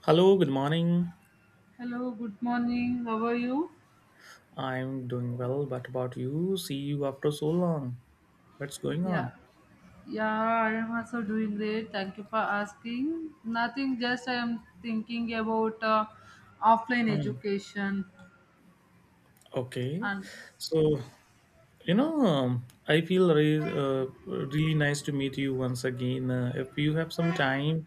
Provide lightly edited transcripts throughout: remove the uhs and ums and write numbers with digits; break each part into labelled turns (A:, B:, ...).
A: Hello, good morning.
B: Hello, good morning. How are you?
A: I'm doing well, but about you? See you after so long. What's going
B: Yeah.
A: on?
B: Yeah, I am also doing great. Thank you for asking. Nothing, just I am thinking about offline
A: Hmm.
B: education
A: Okay.
B: and
A: So, I feel really nice to meet you once again. If you have some time,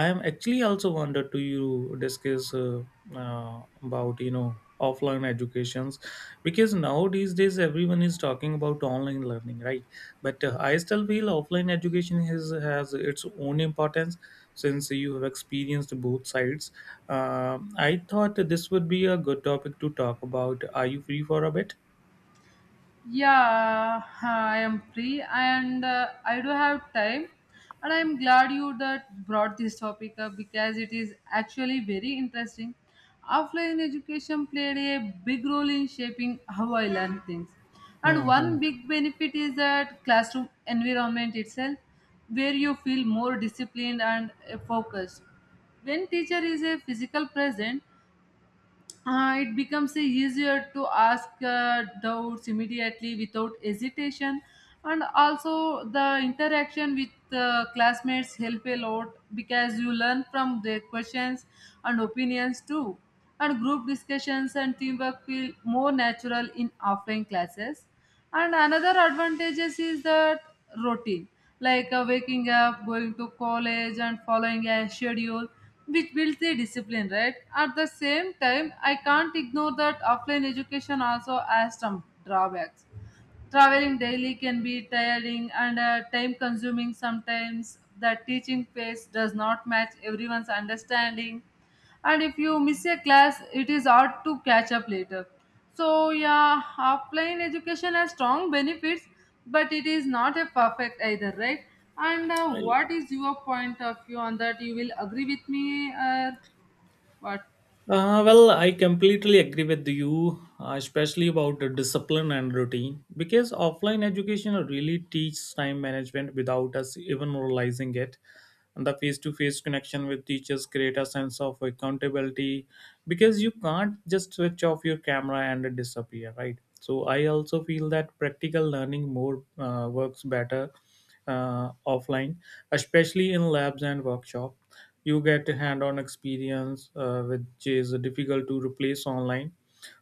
A: I am actually also wanted to you discuss about offline educations, because nowadays days everyone is talking about online learning, right? But I still feel offline education has its own importance since you have experienced both sides. I thought this would be a good topic to talk about. Are you free for a bit?
B: yeah, I am free and I do have time. And I'm glad you that brought this topic up because it is actually very interesting. Offline education played a big role in shaping how I learn things. And
A: Hmm.
B: one big benefit is that classroom environment itself, where you feel more disciplined and focused. When teacher is a physical present, it becomes a easier to ask doubts immediately without hesitation, and also the interaction with classmates help a lot because you learn from their questions and opinions too, and group discussions and teamwork feel more natural in offline classes, and another advantages is that routine, like waking up, going to college, and following a schedule, which builds the discipline, right? At the same time, I can't ignore that offline education also has some drawbacks. Traveling daily can be tiring and time consuming sometimes. The teaching pace does not match everyone's understanding. And if you miss a class, it is hard to catch up later. So, yeah, offline education has strong benefits, but it is not a perfect either, right? And what is your point of view on that? You will agree with me or what?
A: Well, I completely agree with you, especially about the discipline and routine, because offline education really teaches time management without us even realizing it. And the face-to-face connection with teachers create a sense of accountability, because you can't just switch off your camera and disappear, right? So I also feel that practical learning more works better offline, especially in labs and workshop. You get a hand-on experience which is difficult to replace online.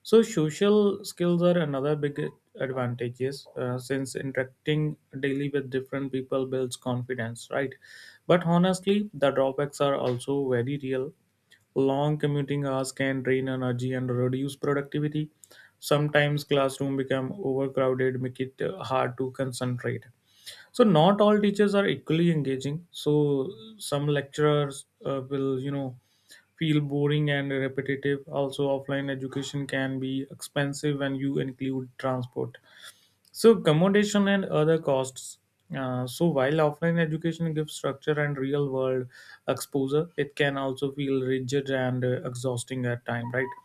A: So social skills are another big advantages, since interacting daily with different people builds confidence, right? But honestly, the drawbacks are also very real. Long commuting hours can drain energy and reduce productivity. Sometimes classroom become overcrowded, make it hard to concentrate. So not all teachers are equally engaging, so some lecturers will feel boring and repetitive. Also, offline education can be expensive when you include transport, so accommodation and other costs. So while offline education gives structure and real world exposure, it can also feel rigid and exhausting at time, right?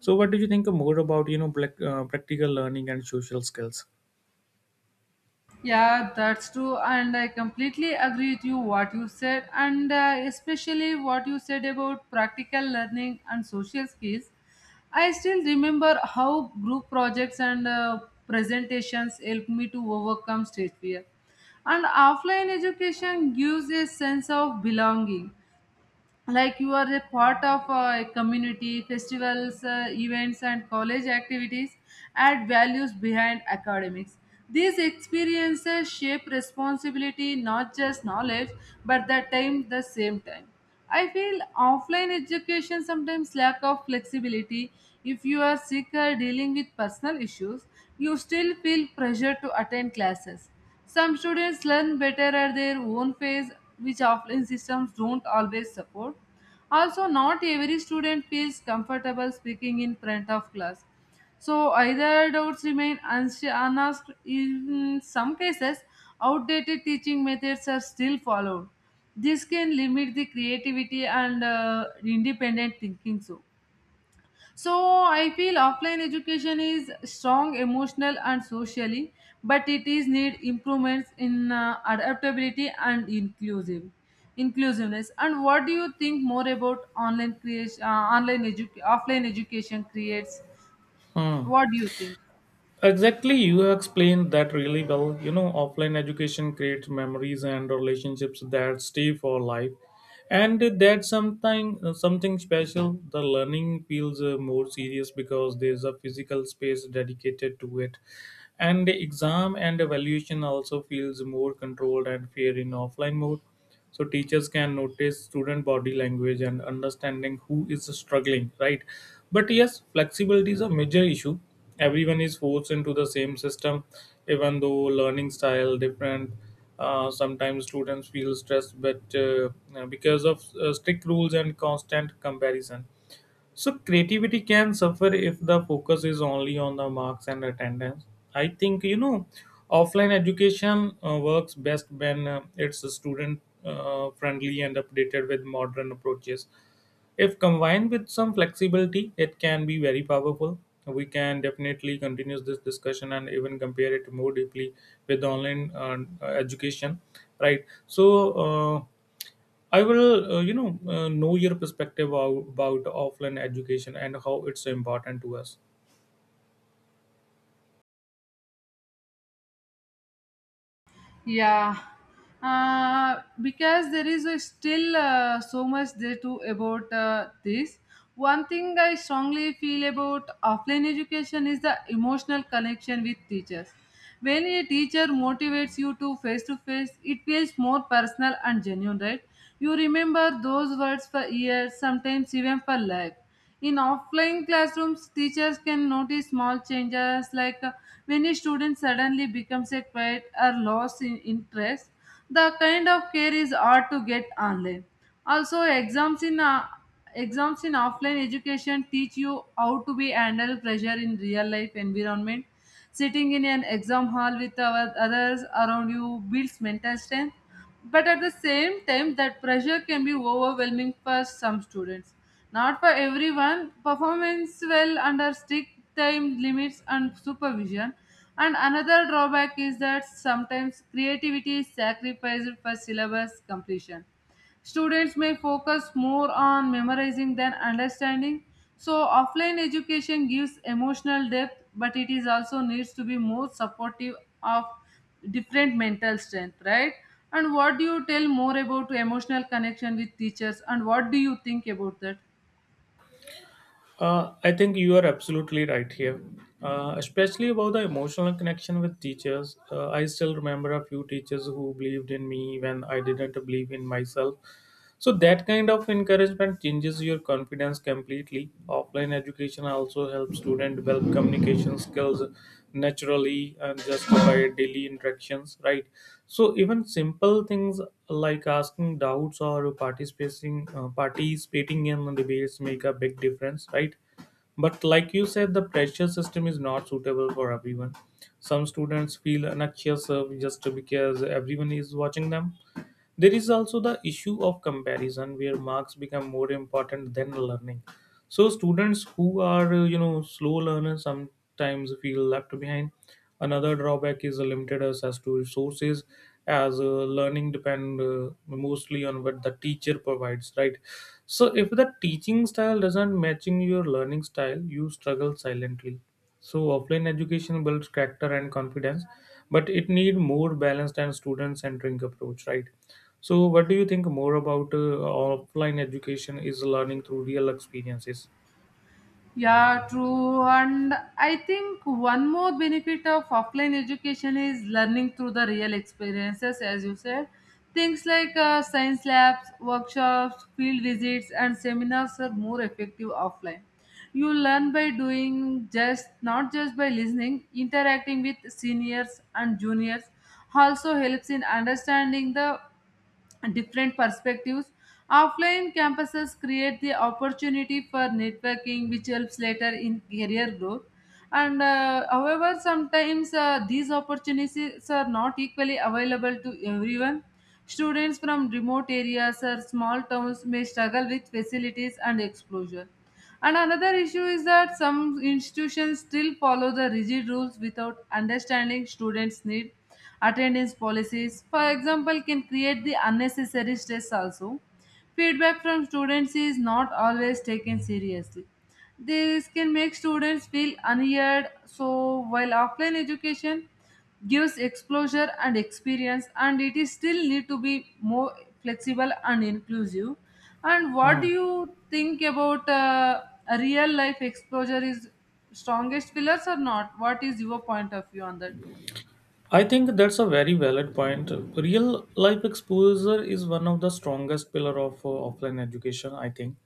A: So what do you think more about black, practical learning and social skills?
B: Yeah, that's true, and I completely agree with you what you said, and especially what you said about practical learning and social skills. I still remember how group projects and presentations helped me to overcome stage fear. And offline education gives a sense of belonging, like you are a part of a community, festivals, events, and college activities add values behind academics. These experiences shape responsibility, not just knowledge. But the time the same time, I feel offline education sometimes lack of flexibility. If you are sick or dealing with personal issues, you still feel pressure to attend classes. Some students learn better at their own pace, which offline systems don't always support. Also, not every student feels comfortable speaking in front of class. So, either doubts remain unasked. In some cases, outdated teaching methods are still followed. This can limit the creativity and independent thinking. So I feel offline education is strong emotional and socially, but it is need improvements in adaptability and inclusiveness. And what do you think more about online creation, offline education creates?
A: Hmm.
B: What do you think?
A: Exactly, you explained that really well. Offline education creates memories and relationships that stay for life, and that's something special. The learning feels more serious because there's a physical space dedicated to it, and the exam and evaluation also feels more controlled and fair in offline mode. So teachers can notice student body language and understanding who is struggling, right? But yes, flexibility is a major issue. Everyone is forced into the same system, even though learning style different. Sometimes students feel stressed, but because of strict rules and constant comparison. So creativity can suffer if the focus is only on the marks and attendance. I think offline education works best when it's student friendly and updated with modern approaches. If combined with some flexibility, it can be very powerful. We can definitely continue this discussion and even compare it more deeply with online education, right? So. Uh, I will know your perspective about offline education and how it's so important to us.
B: Yeah, because there is a still so much there to about this. One thing I strongly feel about offline education is the emotional connection with teachers. When a teacher motivates you to face, it feels more personal and genuine, right? You remember those words for years, sometimes even for life. In offline classrooms, teachers can notice small changes like when a student suddenly becomes a quiet or lost in interest. The kind of care is hard to get online. Also, exams in offline education teach you how to be handle pressure in real life environment. Sitting in an exam hall with our others around you builds mental strength, but at the same time, that pressure can be overwhelming for some students. Not for everyone, performance well under strict time limits and supervision. And another drawback is that sometimes creativity is sacrificed for syllabus completion. Students may focus more on memorizing than understanding. So, offline education gives emotional depth, but it is also needs to be more supportive of different mental strength, right? And what do you tell more about emotional connection with teachers, and what do you think about that?
A: I think you are absolutely right here, especially about the emotional connection with teachers. I still remember a few teachers who believed in me when I didn't believe in myself. So that kind of encouragement changes your confidence completely. Offline education also helps students develop communication skills naturally and just by daily interactions, right? So even simple things like asking doubts or participating in debates make a big difference, right? But like you said, the pressure system is not suitable for everyone. Some students feel anxious just because everyone is watching them. There is also the issue of comparison where marks become more important than learning. So students who are slow learners sometimes feel left behind. Another drawback is limited access to resources, as learning depend mostly on what the teacher provides, right? So if the teaching style doesn't matching your learning style, you struggle silently. So offline education builds character and confidence, but it need more balanced and student centering approach, right? So, what do you think more about offline education is learning through real experiences?
B: Yeah, true. And I think one more benefit of offline education is learning through the real experiences, as you said. Things like science labs, workshops, field visits, and seminars are more effective offline. You learn by doing, just not just by listening. Interacting with seniors and juniors also helps in understanding the different perspectives. Offline campuses create the opportunity for networking, which helps later in career growth. And However, sometimes these opportunities are not equally available to everyone. Students from remote areas or small towns may struggle with facilities and exposure. And another issue is that some institutions still follow the rigid rules without understanding students' need. Attendance policies, for example, can create the unnecessary stress also. Feedback from students is not always taken seriously. This can make students feel unheard. So while offline education gives exposure and experience, and it is still need to be more flexible and inclusive. And what
A: Hmm.
B: do you think about a real life exposure is strongest pillars or not? What is your point of view on that?
A: I think that's a very valid point. Real life exposure is one of the strongest pillar of offline education, I think,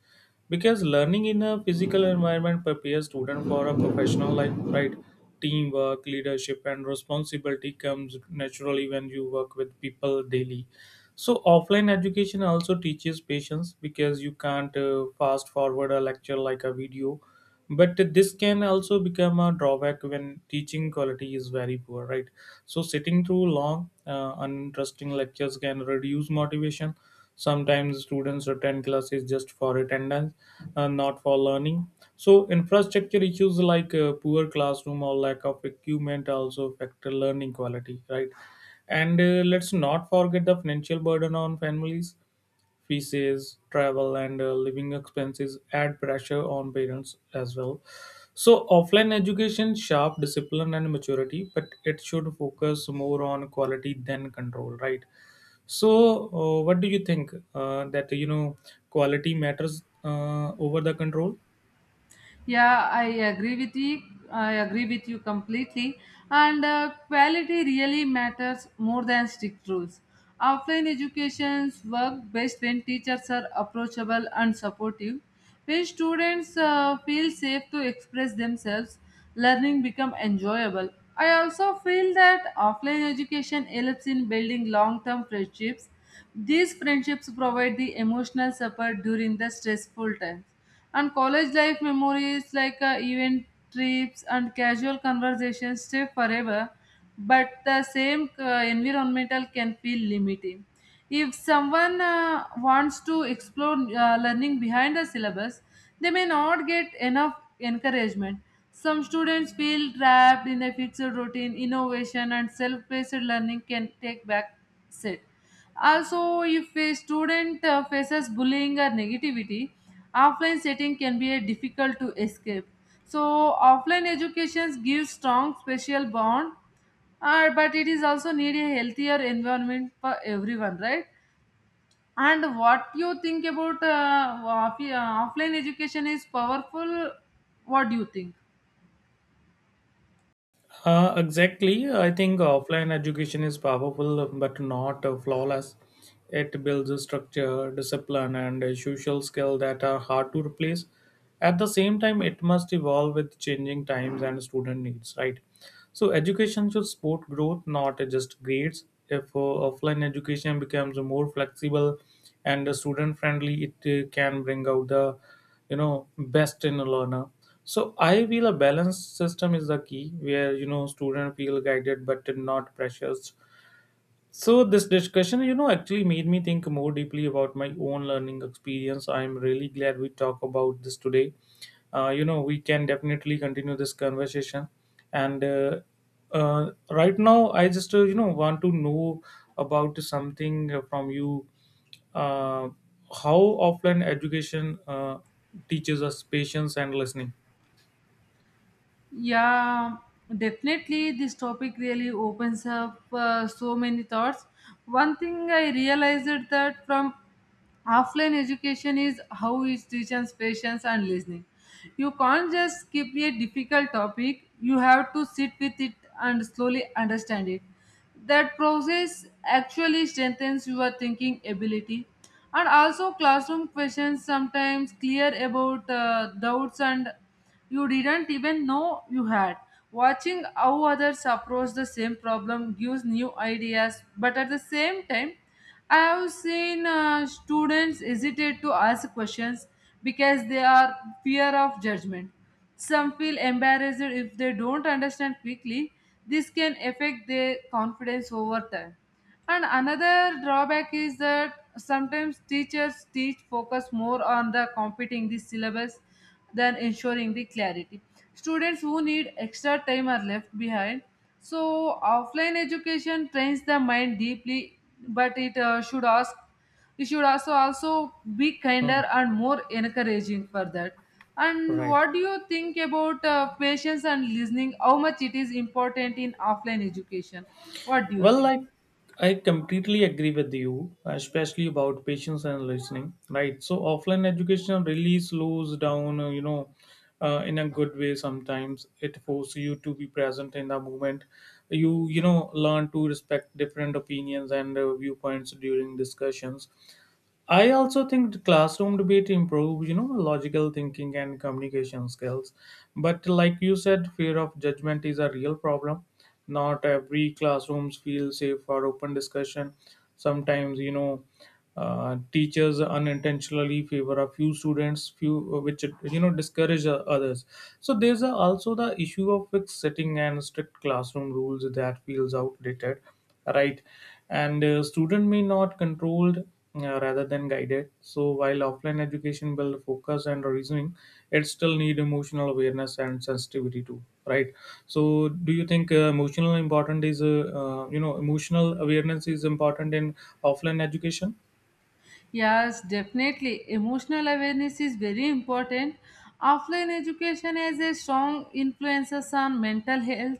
A: because learning in a physical environment prepares student for a professional life, right? Teamwork, leadership, and responsibility comes naturally when you work with people daily. So offline education also teaches patience because you can't fast forward a lecture like a video. But this can also become a drawback when teaching quality is very poor, right? So sitting through long uninteresting lectures can reduce motivation. Sometimes students attend classes just for attendance, not for learning. So infrastructure issues like poor classroom or lack of equipment also factor learning quality, right? And let's not forget the financial burden on families: fees, travel, and living expenses add pressure on parents as well. So, offline education, sharp discipline, and maturity, but it should focus more on quality than control, right? So, what do you think that quality matters over the control?
B: Yeah, I agree with you. I agree with you completely. And quality really matters more than strict rules. Offline educations work best when teachers are approachable and supportive. When students feel safe to express themselves, learning become enjoyable. I also feel that offline education helps in building long-term friendships. These friendships provide the emotional support during the stressful times. And college life memories like event trips and casual conversations stay forever, but the same environmental can feel limiting. If someone wants to explore learning behind the syllabus, they may not get enough encouragement. Some students feel trapped in a fixed routine, innovation, and self paced learning can take back seat. Also, if a student faces bullying or negativity, offline setting can be a difficult to escape. So, offline education gives strong special bond, but it is also need a healthier environment for everyone, right? And what you think about offline education is powerful? What do you think?
A: Exactly. I think offline education is powerful but not flawless. It builds a structure, discipline, and a social skill that are hard to replace. At the same time, it must evolve with changing times and student needs, right? So, education should support growth, not just grades. If offline education becomes more flexible and student friendly, it can bring out the you know best in a learner. So I feel a balanced system is the key where student feel guided but not pressured. So this discussion, actually made me think more deeply about my own learning experience. I'm really glad we talk about this today. We can definitely continue this conversation. And right now, I just want to know about something from you. Uh, how offline education teaches us patience and listening.
B: Yeah, definitely. This topic really opens up so many thoughts. One thing I realized that from offline education is how it teaches patience and listening. You can't just skip a difficult topic, you have to sit with it and slowly understand it. That process actually strengthens your thinking ability. And also, classroom questions sometimes clear about doubts and you didn't even know you had. Watching how others approach the same problem gives new ideas, but at the same time, I have seen students hesitate to ask questions because they are fear of judgment. Some feel embarrassed if they don't understand quickly. This can affect their confidence over time. And another drawback is that sometimes teachers teach focus more on the competing the syllabus than ensuring the clarity. Students who need extra time are left behind. So, offline education trains the mind deeply, but it should ask we should also be
A: Hmm.
B: kinder and more encouraging for that. And
A: Right.
B: what do you think about patience and listening? How much it is important in offline education? What do you
A: Well,
B: think?
A: like I completely agree with you, especially about patience and listening, right? So offline education really slows down, in a good way. Sometimes it forces you to be present in the moment. You know learn to respect different opinions and viewpoints during discussions. I also think the classroom debate improves, logical thinking and communication skills. But like you said, fear of judgment is a real problem. Not every classrooms feel safe for open discussion. Sometimes, teachers unintentionally favor a few students, few which discourage others. So there's also the issue of fixed sitting and strict classroom rules that feels outdated, right? And student may not controlled rather than guided. So while offline education build focus and reasoning, it still need emotional awareness and sensitivity too, right? So do you think emotional important is emotional awareness is important in offline education?
B: Yes, definitely. Emotional awareness is very important. Offline education has a strong influence on mental health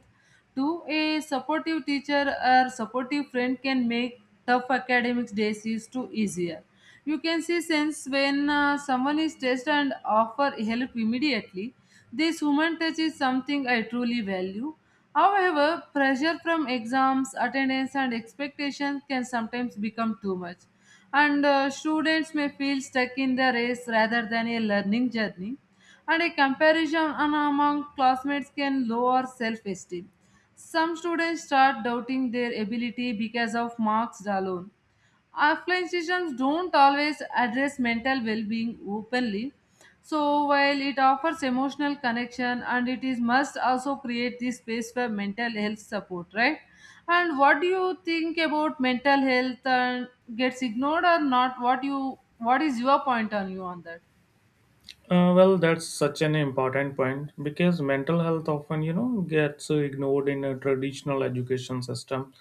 B: to a supportive teacher or supportive friend can make tough academic days is too easier. You can see sense when someone is stressed and offer help immediately. This human touch is something I truly value. However, pressure from exams, attendance, and expectations can sometimes become too much, and students may feel stuck in the race rather than a learning journey, and a comparison among classmates can lower self-esteem. Some students start doubting their ability because of marks alone. Offline systems don't always address mental well being openly. So, while it offers emotional connection and it is must also create this space for mental health support, right? And what do you think about mental health and gets ignored or not? What you what is your point on you on that?
A: Well, that's such an important point because mental health often gets ignored in a traditional education system.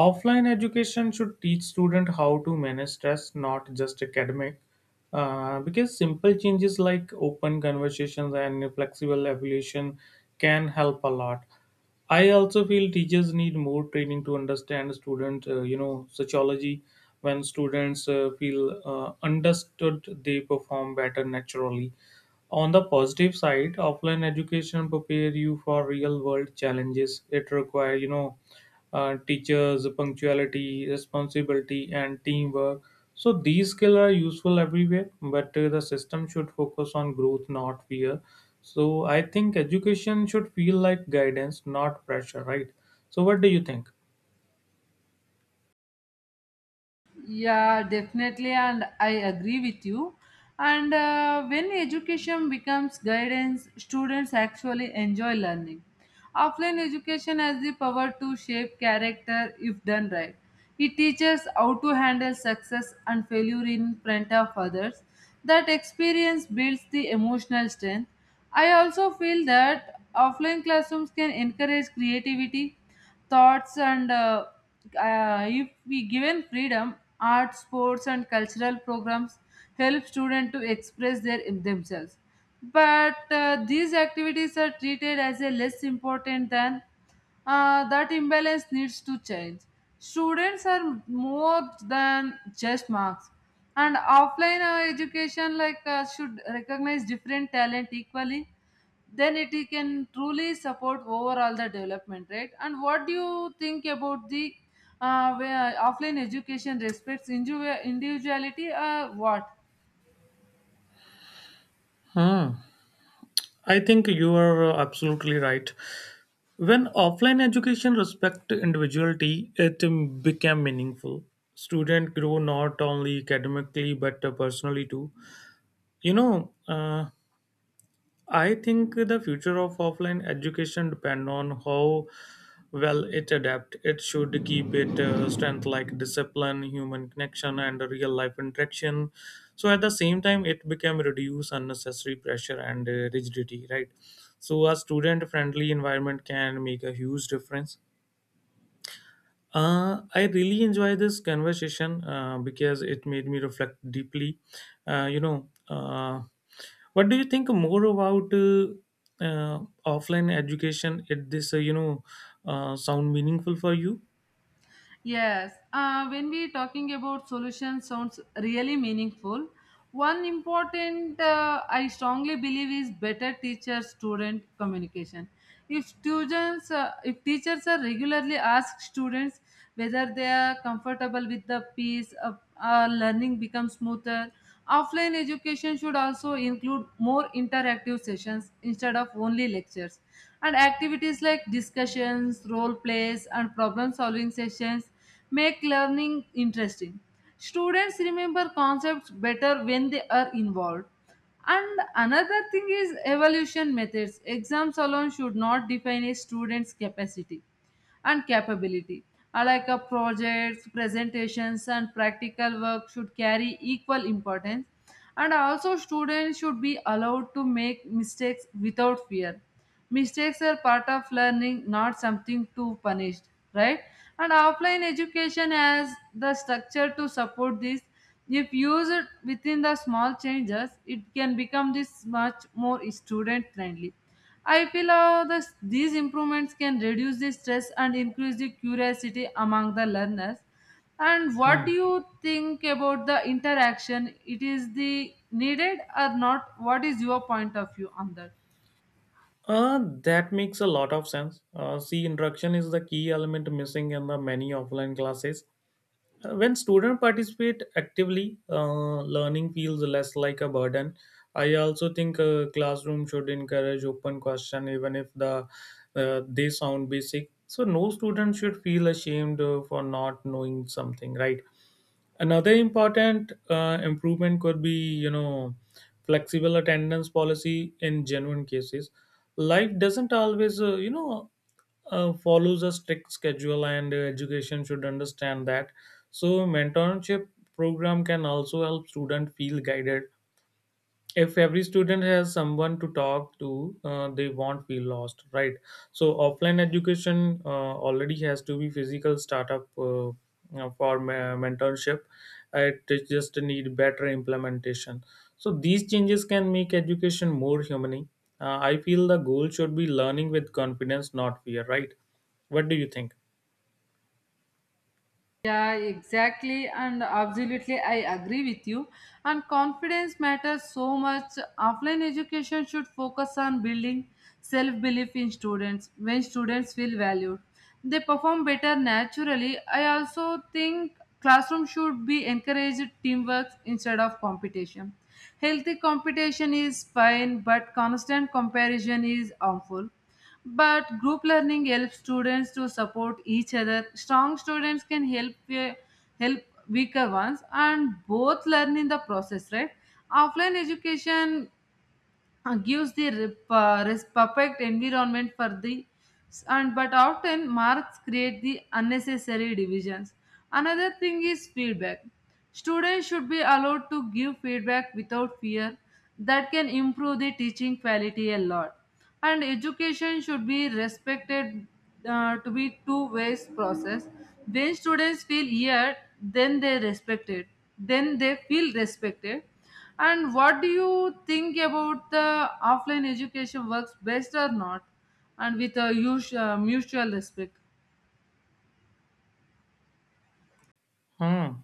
A: Offline education should teach students how to manage stress, not just academic. Because simple changes like open conversations and flexible evaluation can help a lot. I also feel teachers need more training to understand student, sociology. When students feel understood, they perform better naturally. On the positive side, offline education prepare you for real world challenges. It require, teachers, punctuality, responsibility, and teamwork. So these skills are useful everywhere, but the system should focus on growth, not fear. So I think education should feel like guidance, not pressure, right? So what do you think?
B: Yeah, definitely, and I agree with you. And when education becomes guidance, students actually enjoy learning. Offline education has the power to shape character if done right. It teaches how to handle success and failure in front of others. That experience builds the emotional strength. I also feel that offline classrooms can encourage creativity thoughts and if we given freedom art sports and cultural programs help students to express their themselves, but these activities are treated as a less important than that imbalance needs to change. Students are more than just marks, and offline education like should recognize different talent equally, then it can truly support overall the development, right? And what do you think about the where offline education respects individuality or what?
A: Hmm. I think you are absolutely right. When offline education respect individuality, it became meaningful. Student grow not only academically but personally too. You know, uh, I think the future of offline education depend on how well it adapt. It should keep it strength like discipline, human connection, and real life interaction. So at the same time, it became reduce unnecessary pressure and rigidity. Right. So a student friendly environment can make a huge difference. I really enjoy this conversation because it made me reflect deeply. Uh, you know. Uh, what do you think more about offline education It this you know sound meaningful for you?
B: Yes, when we talking about solution sounds really meaningful. One important I strongly believe is better teacher student communication. If teachers are regularly ask students whether they are comfortable with the piece, learning becomes smoother. Offline education should also include more interactive sessions instead of only lectures, and activities like discussions, role plays, and problem solving sessions make learning interesting. Students remember concepts better when they are involved, and another thing is evaluation methods. Exams alone should not define a student's capacity and capability. Like a projects, presentations, and practical work should carry equal importance. And also, students should be allowed to make mistakes without fear. Mistakes are part of learning, not something to punish, right? And offline education has the structure to support this. If used within the small changes, it can become this much more student friendly, I feel. These improvements can reduce the stress and increase the curiosity among the learners. And what do
A: Hmm.
B: you think about the interaction? It is the needed or not? What is your point of view on that?
A: uh, that makes a lot of sense. See, interaction is the key element missing in the many offline classes. When students participate actively, learning feels less like a burden. I also think classroom should encourage open question, even if they sound basic. So no student should feel ashamed for not knowing something, right? Another important improvement could be, flexible attendance policy in genuine cases. Life doesn't always, follows a strict schedule, and education should understand that. So, mentorship program can also help student feel guided. If every student has someone to talk to, they won't feel lost, right? So offline education already has to be physical startup. Uh, for me- Mentorship, it just need better implementation. So these changes can make education more human. I feel the goal should be learning with confidence, not fear, right? What do you think?
B: Yeah, exactly, and absolutely, I agree with you. And confidence matters so much. Offline education should focus on building self belief in students. When students feel valued, they perform better naturally. I also think classroom should be encouraged teamwork instead of competition. Healthy competition is fine, but constant comparison is harmful. But group learning helps students to support each other. Strong students can help uh, help weaker ones, and both learn in the process, right? Offline education gives the perfect environment for the, and but often marks create the unnecessary divisions. Another thing is feedback. Students should be allowed to give feedback without fear. That can improve the teaching quality a lot, and education should be respected to be two ways process. When students feel heard, then they feel respected. And what do you think about the offline education works best or not, and with a mutual respect?
A: Hmm.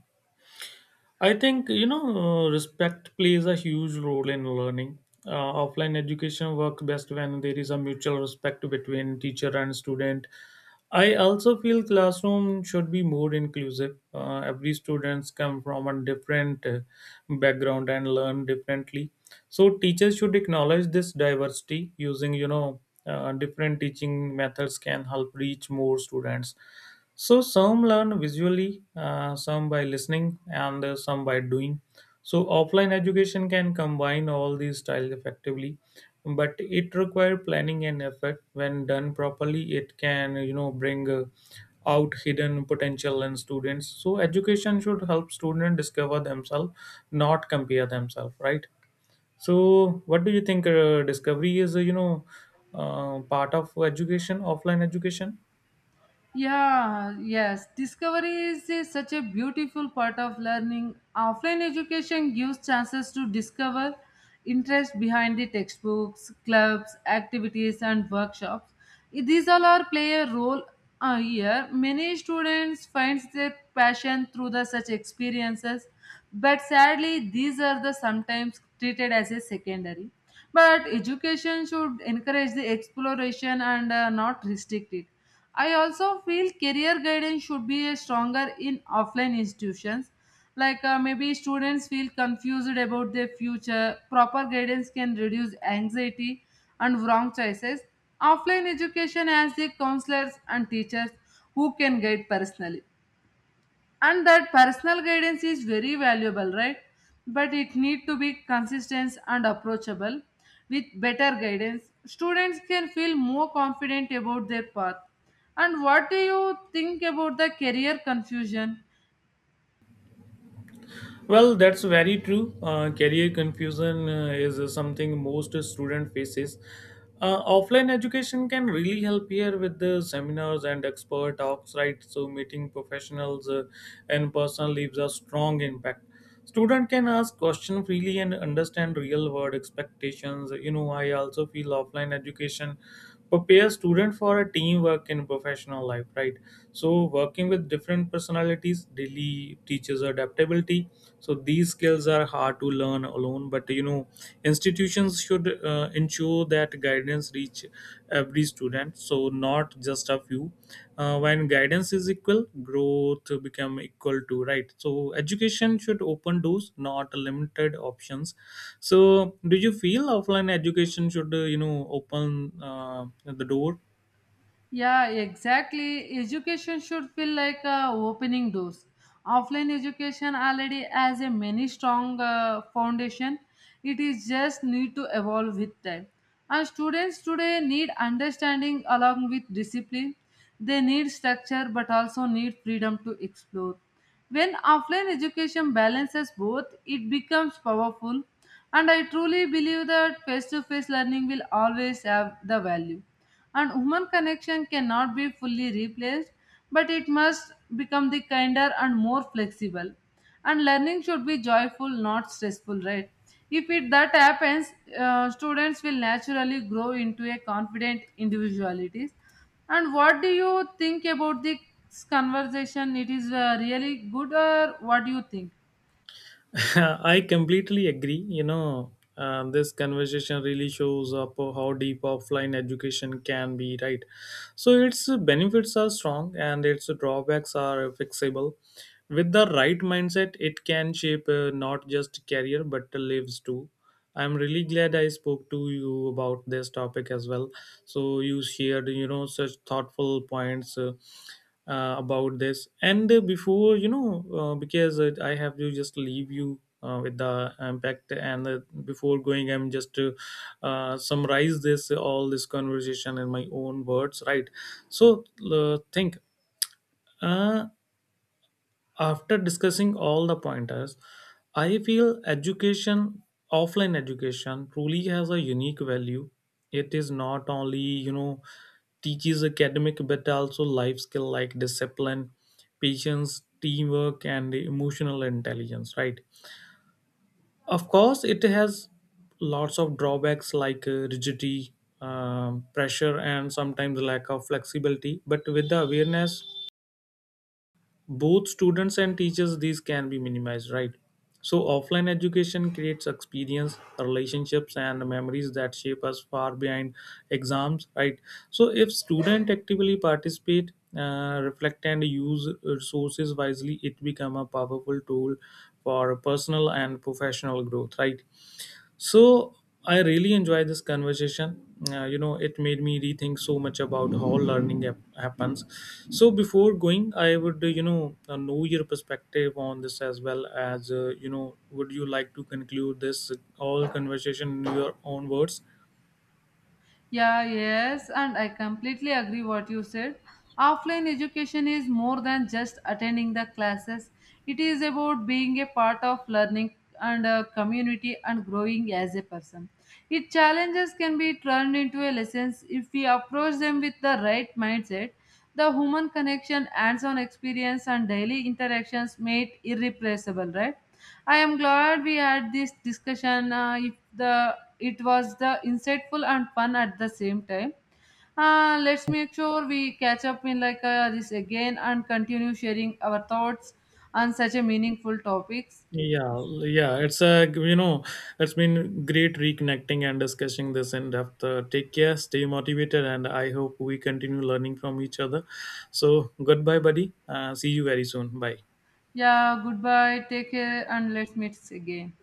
A: I think, respect plays a huge role in learning. Offline education works best when there is a mutual respect between teacher and student. I also feel classroom should be more inclusive. Every students come from a different background and learn differently. So teachers should acknowledge this diversity using, different teaching methods can help reach more students. So some learn visually, some by listening, and some by doing. So offline education can combine all these styles effectively, but it requires planning and effort. When done properly, it can, bring out hidden potential in students. So education should help students discover themselves, not compare themselves. Right. So what do you think? Discovery is, part of education, offline education.
B: Yeah, yes. Discovery is such a beautiful part of learning. Offline education gives chances to discover interest behind the textbooks, clubs, activities, and workshops. These all are play a role here. Many students find their passion through the such experiences, but sadly, these are the sometimes treated as a secondary. But education should encourage the exploration and not restrict it. I also feel career guidance should be a stronger in offline institutions. Like maybe students feel confused about their future. Proper guidance can reduce anxiety and wrong choices. Offline education has the counselors and teachers who can guide personally, and that personal guidance is very valuable, right? But it need to be consistent and approachable. With better guidance, students can feel more confident about their path. And what do you think about the career confusion?
A: Well, that's very true. Career confusion is something most student faces. Offline education can really help here with the seminars and expert talks, right? So meeting professionals and personal leaves a strong impact. Student can ask question freely and understand real world expectations. You know, I also feel offline education prepare student for a teamwork in professional life, right? So working with different personalities daily teaches adaptability. So these skills are hard to learn alone, but, you know, institutions should ensure that guidance reach every student, so not just a few. When guidance is equal, growth become equal to, right? So education should open doors, not limited options. So do you feel offline education should, open the door?
B: Yeah, exactly. Education should feel like opening doors. Offline education already has a many strong foundation. It is just need to evolve with time. And students today need understanding along with discipline. They need structure but also need freedom to explore. When offline education balances both, it becomes powerful, and I truly believe that face to face learning will always have the value. And human connection cannot be fully replaced, but it must become the kinder and more flexible. And learning should be joyful, not stressful, right? If it that happens, students will naturally grow into a confident individualities. And what do you think about this conversation? It is really good, or what do you think?
A: I completely agree. You know, this conversation really shows up how deep offline education can be, right? So its benefits are strong and its drawbacks are fixable. With the right mindset, it can shape not just career but lives too. I'm really glad I spoke to you about this topic as well. So you shared, you know, such thoughtful points about this. And before, because I have to just leave you with the impact. And before going, I'm just to summarize this all this conversation in my own words, right? So think. Uh, After discussing all the pointers, I feel education, offline education, truly has a unique value. It is not only, you know, teaches academic but also life skill like discipline, patience, teamwork, and emotional intelligence, right? Of course, it has lots of drawbacks like rigidity, pressure, and sometimes lack of flexibility. But with the awareness, both students and teachers, these can be minimized, right? So offline education creates experience, relationships and memories that shape us far behind exams, right? So if student actively participate, reflect and use resources wisely, it become a powerful tool for personal and professional growth, right? So I really enjoy this conversation. You know, it made me rethink so much about how learning happens. So before going, I would, know your perspective on this as well as, you know. Would you like to conclude this all conversation in your own words?
B: Yeah, yes, and I completely agree what you said. Offline education is more than just attending the classes. It is about being a part of learning and a community and growing as a person. Its challenges can be turned into a lessons if we approach them with the right mindset. The human connection, hands on experience, and daily interactions made it irreplaceable, right? I am glad we had this discussion. If the it was the insightful and fun at the same time. Let's make sure we catch up in like this again and continue sharing our thoughts on such a meaningful topics.
A: Yeah. You know, it's been great reconnecting and discussing this in depth. Take care, stay motivated, and I hope we continue learning from each other. So goodbye, buddy. See you very soon. Bye.
B: Yeah, goodbye, take care, and let's meet again.